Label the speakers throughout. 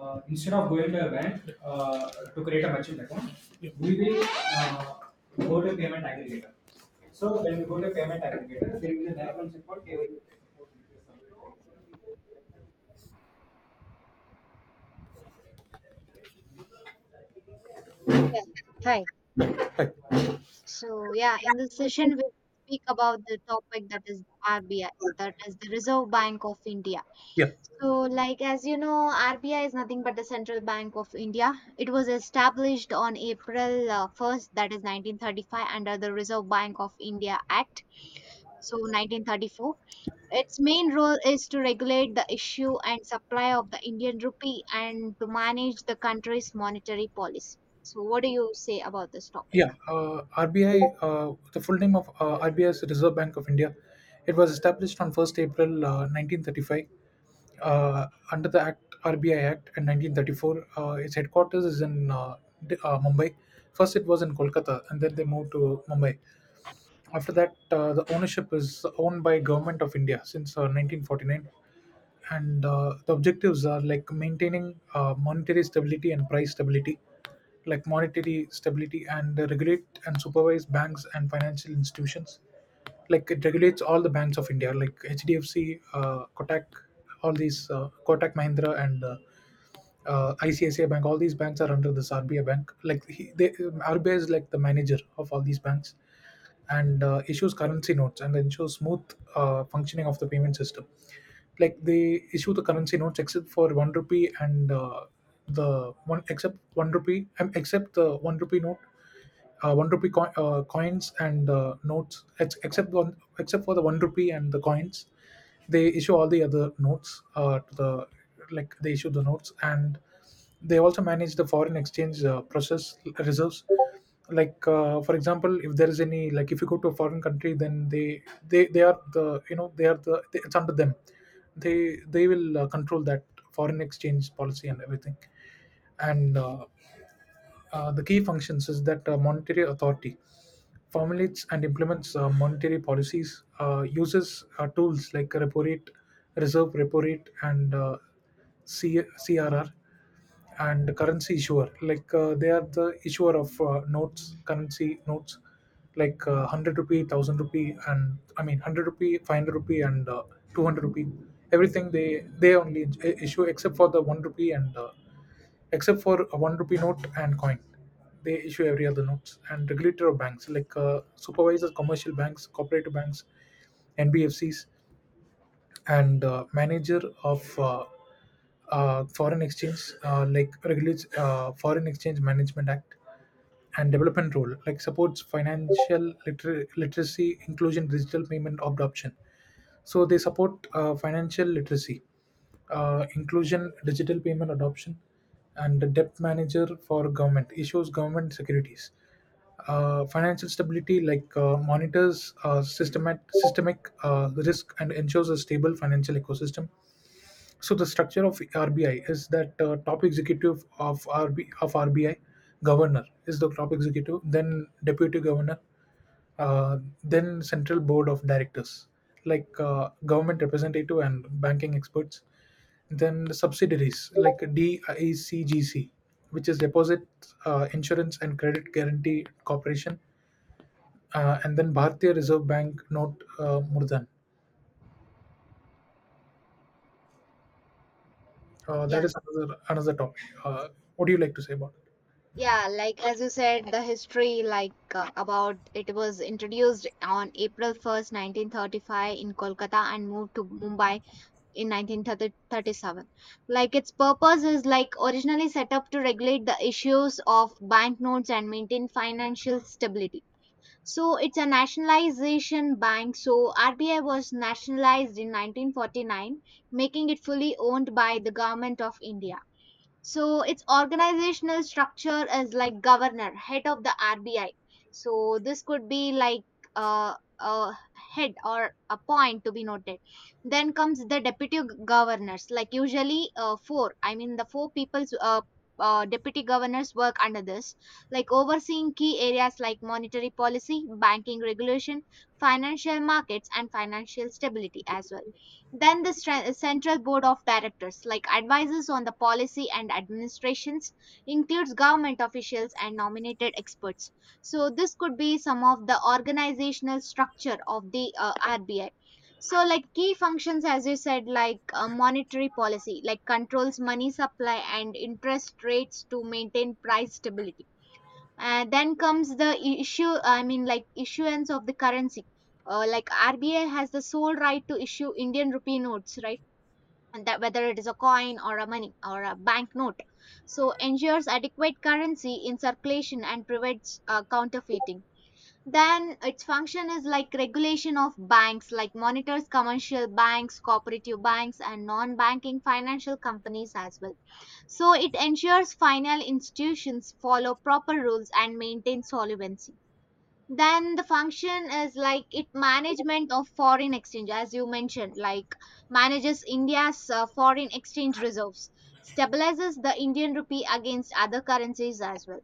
Speaker 1: Instead of going to a bank to create a merchant account, we will uh, go to payment aggregator. So when we go to payment aggregator, there is an option called KYC.
Speaker 2: Yeah. Hi. So, yeah, in this session, we speak about the topic that is the RBI, that is the Reserve Bank of India.
Speaker 1: Yeah,
Speaker 2: So, like, as you know, RBI is nothing but the Central Bank of India. It was established on April 1st, that is 1935, under the Reserve Bank of India Act, so 1934. Its main role is to regulate the issue and supply of the Indian rupee and to manage the country's monetary policy. So, what do you say about this topic?
Speaker 1: yeah. RBI, the full name of RBI is Reserve Bank of India. It was established on 1st April 1935 under the Act RBI Act in 1934. Its headquarters is in Mumbai. First, it was in Kolkata, and then they moved to Mumbai. After that the ownership is owned by government of india since 1949, and the objectives are like maintaining monetary stability and price stability, like monetary stability, and regulate and supervise banks and financial institutions, like it regulates all the banks of india like hdfc, kotak, all these kotak mahindra, and ICICI Bank. All these banks are under this RBI bank. Like RBI is like the manager of all these banks, and issues currency notes and ensures smooth functioning of the payment system. Like they issue the currency notes except for one rupee and the one rupee note, one rupee coin, coins and notes, except for the one rupee and the coins, they issue all the other notes to the like They issue the notes, and they also manage the foreign exchange process reserves. Like for example, if there is any, like if you go to a foreign country, then they they are the, they are the, it's under them. They will control that foreign exchange policy and everything, and the key functions is that monetary authority formulates and implements monetary policies, uses tools like repo rate, reserve repo rate, and CRR, and currency issuer. Like they are the issuer of notes, currency notes, like 100 rupee, 1,000 rupee, and I mean 100 rupee, 500 rupee, and 200 rupee. Everything they only issue, except for the one rupee and except for a one rupee note and coin. They issue every other notes, and regulator of banks like supervisor commercial banks, cooperative banks, NBFCs, and manager of foreign exchange, like regulates foreign exchange management act, and development role like supports financial literacy, inclusion, digital payment adoption. So they support financial literacy, inclusion, digital payment adoption, and the debt manager for government issues government securities. Financial stability, like monitors systemic risk and ensures a stable financial ecosystem. So the structure of RBI is that top executive of RB of RBI, governor is the top executive, then deputy governor, then central board of directors, like government representative and banking experts, then the subsidiaries like DICGC, which is deposit insurance and credit guarantee corporation, and then Bharatiya Reserve Bank note Murdan. uh,
Speaker 2: Yeah.
Speaker 1: that is another another topic. What do you like to say about it?
Speaker 2: Yeah, like as you said, the history like about it was introduced on April 1st, 1935 in Kolkata and moved to Mumbai in 1937. Like its purpose is like originally set up to regulate the issues of banknotes and maintain financial stability. So it's a nationalization bank. So RBI was nationalized in 1949, making it fully owned by the government of India. So its organizational structure is like governor, head of the RBI. So this could be like a head or a point to be noted. Then comes the deputy governors, like usually four. I mean the four people's deputy governors work under this, like overseeing key areas like monetary policy, banking regulation, financial markets, and financial stability as well. Then the Central Board of Directors, like advisors on the policy and administrations, includes government officials and nominated experts. So this could be some of the organizational structure of the RBI. So like key functions, as you said, like monetary policy, like controls money supply and interest rates to maintain price stability. Then comes the issue, I mean, like issuance of the currency. Like RBI has the sole right to issue Indian rupee notes, right? And that whether it is a coin or a money or a banknote, so ensures adequate currency in circulation and prevents counterfeiting. Then its function is like regulation of banks, like monitors commercial banks, cooperative banks, and non-banking financial companies as well, so it ensures final institutions follow proper rules and maintain solvency. Then the function is like it management of foreign exchange, as you mentioned, like manages India's foreign exchange reserves, stabilizes the Indian rupee against other currencies as well.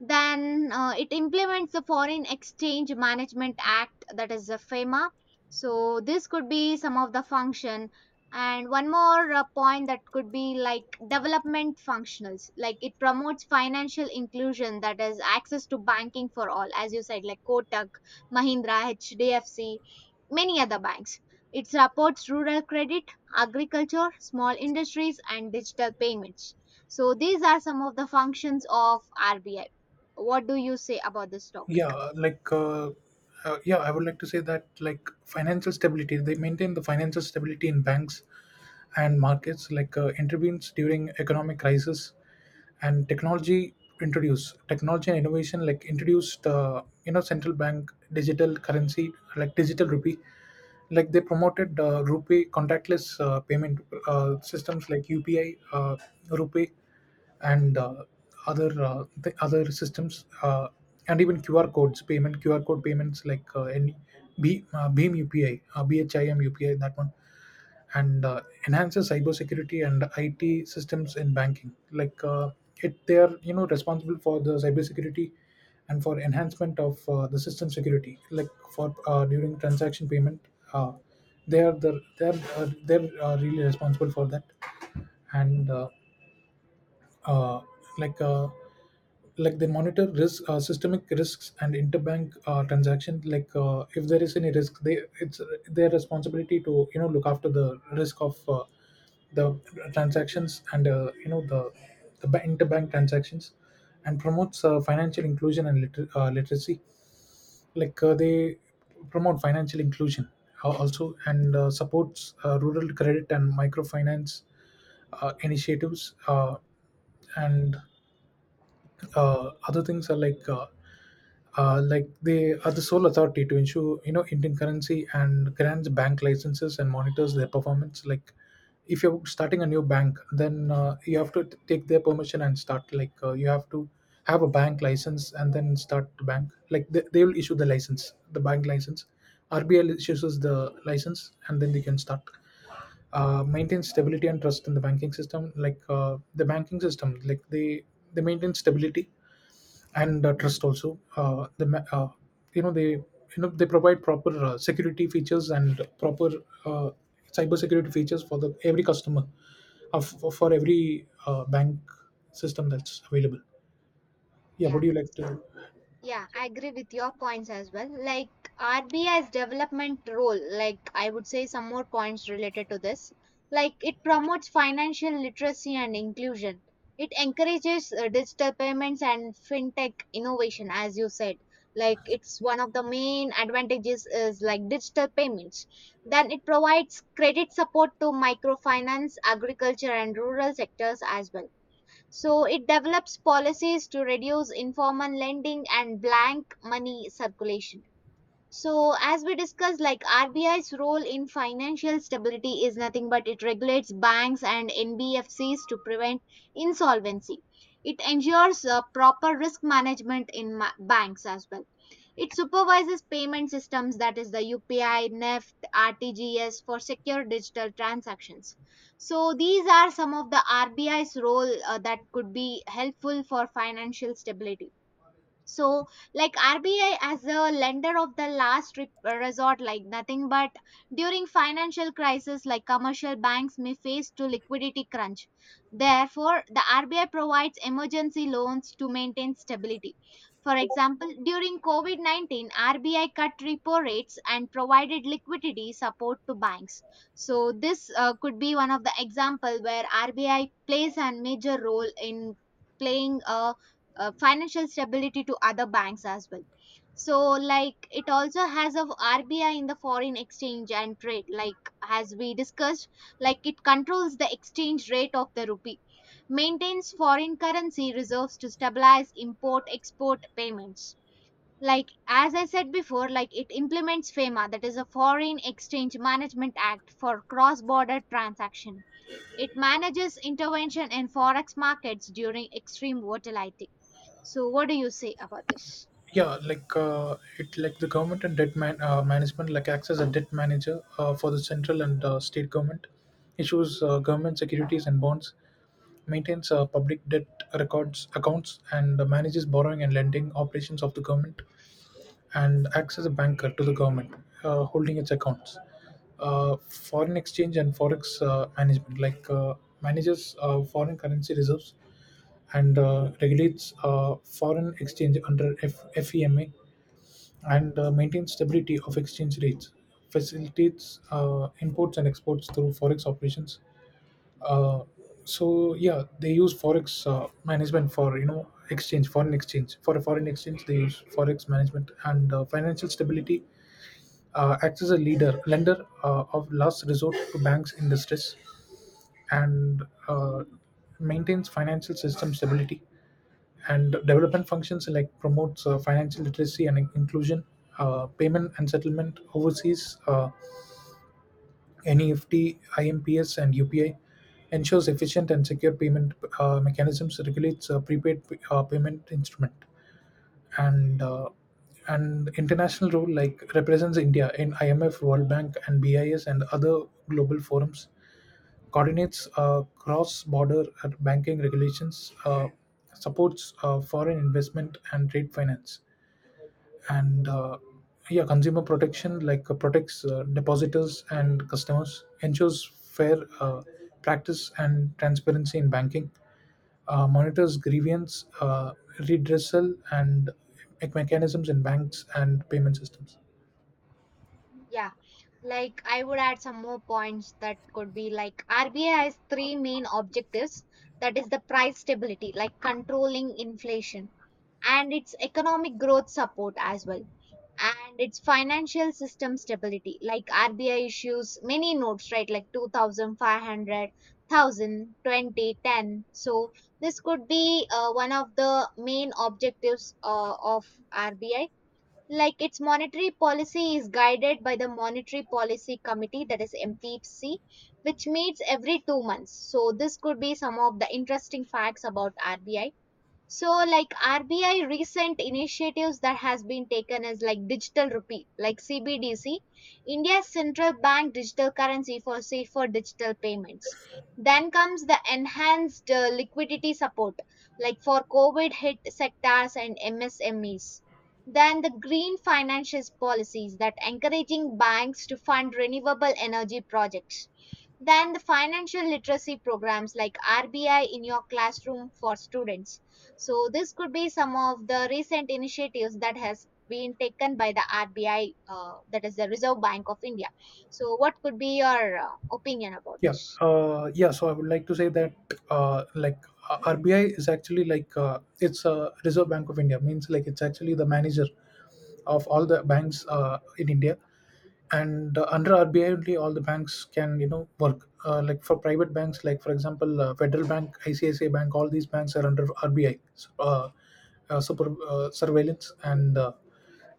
Speaker 2: Then it implements the foreign exchange management act, that is the FEMA. So this could be some of the function, and one more point that could be like development functionals, like it promotes financial inclusion, that is access to banking for all. As you said, like Kotak Mahindra, HDFC, many other banks, it supports rural credit, agriculture, small industries, and digital payments. So these are some of the functions of RBI. What do you say about this topic?
Speaker 1: Yeah like uh, uh, yeah I would like to say that, like, financial stability, they maintain the financial stability in banks and markets, like intervenes during economic crisis, and technology, introduced technology and innovation, like introduced central bank digital currency like digital rupee, like they promoted rupee contactless payment systems like upi, rupee, and other the other systems, and even qr codes payment, qr code payments, like any B, beam upi bhim upi, that one. And enhances cybersecurity and IT systems in banking. Like they are, responsible for the cybersecurity and for enhancement of the system security. Like for during transaction payment, uh, they are the they are they're really responsible for that. And uh, like uh, like they monitor risk, systemic risks and interbank transaction. Like if there is any risk, they it's their responsibility to, look after the risk of the transactions and, the interbank transactions, and promotes financial inclusion and literacy. Like they promote financial inclusion also, and supports rural credit and microfinance initiatives. And Other things are like, like they are the sole authority to issue, Indian currency, and grants bank licenses and monitors their performance. Like if you're starting a new bank, then you have to take their permission and start. Like you have to have a bank license and then start the bank. Like they will issue the license, the bank license. RBL issues the license and then they can start. Maintain stability and trust in the banking system. Like the banking system, like they maintain stability and trust also. Uh, the ma- you know they you know They provide proper security features and proper uh, cyber security features for the every customer of, for every bank system that's available. Yeah,
Speaker 2: Yeah,
Speaker 1: would you like to?
Speaker 2: yeah, I agree with your points as well. Like RBI's development role, like I would say some more points related to this. Like it promotes financial literacy and inclusion. It encourages digital payments and fintech innovation, as you said. Like it's one of the main advantages is like digital payments. Then it provides credit support to microfinance, agriculture, and rural sectors as well. So it develops policies to reduce informal lending and blank money circulation. So as we discussed, like RBI's role in financial stability is nothing but it regulates banks and NBFCs to prevent insolvency. It ensures proper risk management in banks as well. It supervises payment systems, that is the UPI, NEFT, RTGS, for secure digital transactions. So these are some of the RBI's role that could be helpful for financial stability. So, like, RBI as a lender of the last resort, like nothing but during financial crisis, like commercial banks may face to liquidity crunch, therefore the RBI provides emergency loans to maintain stability. For example, during COVID-19 RBI cut repo rates and provided liquidity support to banks. So this could be one of the example where RBI plays a major role in playing a financial stability to other banks as well. So, like, it also has of RBI in the foreign exchange and trade, like as we discussed, like it controls the exchange rate of the rupee, maintains foreign currency reserves to stabilize import export payments. Like as I said before, like it implements FEMA, that is a foreign exchange management act for cross border transaction. It manages intervention in forex markets during extreme volatility. So, what do you say about this?
Speaker 1: Yeah, it, like the government and debt management, like acts as a debt manager for the central and state government, issues government securities and bonds, maintains public debt records, accounts, and manages borrowing and lending operations of the government, and acts as a banker to the government, holding its accounts. Foreign exchange and forex management, like manages foreign currency reserves and regulates foreign exchange under FEMA, and maintains stability of exchange rates, facilitates imports and exports through forex operations. uh, so yeah, they use forex management for, exchange foreign exchange, for a foreign exchange, they use forex management. And financial stability, acts as a leader lender of last resort to banks in distress, and maintains financial system stability. And development functions, like promotes financial literacy and inclusion, payment and settlement overseas. NEFT, IMPS, and UPI ensures efficient and secure payment mechanisms, regulates prepaid payment instrument, and uh, and international role like represents India in IMF, World Bank, and BIS and other global forums, coordinates cross-border banking regulations, supports foreign investment and trade finance. and, uh, yeah, consumer protection, like protects depositors and customers, ensures fair practice and transparency in banking, monitors grievance redressal, and mechanisms in banks and payment systems.
Speaker 2: Yeah, like I would add some more points that could be like RBI has three main objectives, that is the price stability, like controlling inflation, and its economic growth support as well, and its financial system stability. Like RBI issues many notes, right? Like 2,500. So, this could be one of the main objectives of RBI. Like its monetary policy is guided by the monetary policy committee, that is MPC, which meets every 2 months. So this could be some of the interesting facts about RBI. So, like, RBI recent initiatives that has been taken is like digital rupee, like CBDC, India's central bank digital currency for safer digital payments. Then comes the enhanced liquidity support, like for COVID hit sectors and MSMEs. Then the green financial policies that encouraging banks to fund renewable energy projects. Then the financial literacy programs like RBI in your classroom for students. So this could be some of the recent initiatives that has been taken by the RBI, that is the Reserve Bank of India. So what could be your opinion about
Speaker 1: Yeah,
Speaker 2: this?
Speaker 1: uh, yeah. So I would like to say that, uh, like RBI is actually, like it's a Reserve Bank of India. Means like it's actually the manager of all the banks in India, and under RBI only all the banks can, work. Like for private banks, like for example, Federal Bank, ICICI Bank, all these banks are under RBI. uh, super surveillance and.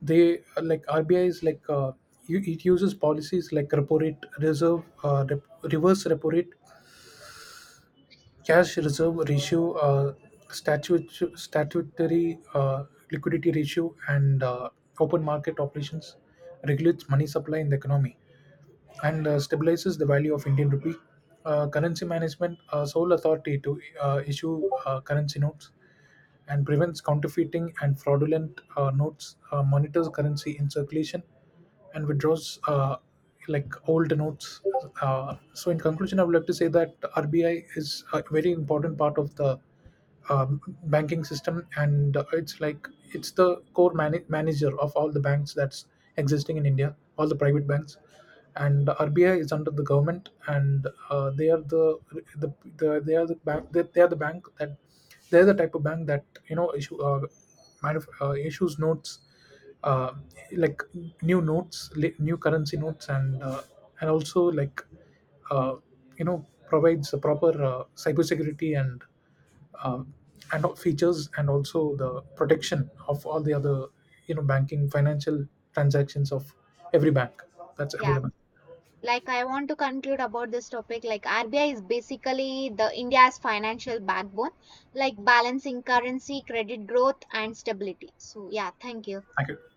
Speaker 1: They Like RBI is like, it uses policies like repo rate, reserve, reverse repo rate, cash reserve ratio, statutory liquidity ratio, and open market operations, regulates money supply in the economy, and stabilizes the value of Indian rupee. Currency management, sole authority to issue currency notes and prevents counterfeiting and fraudulent notes, monitors currency in circulation, and withdraws old notes. So, in conclusion, I would like to say that RBI is a very important part of the banking system, and it's like it's the core manager of all the banks that's existing in India, all the private banks. And RBI is under the government, and they are the they are the bank they are the bank that they are the type of bank that, issue issues notes, uh, like new notes, new currency notes, and also like uh, you know provides the proper cybersecurity uh, and all features, and also the protection of all the other, banking financial transactions of every bank that's
Speaker 2: Yeah,
Speaker 1: available.
Speaker 2: like I want to conclude about this topic. Like RBI is basically the India's financial backbone, like balancing currency, credit growth, and stability. So yeah, thank you.
Speaker 1: Thank you.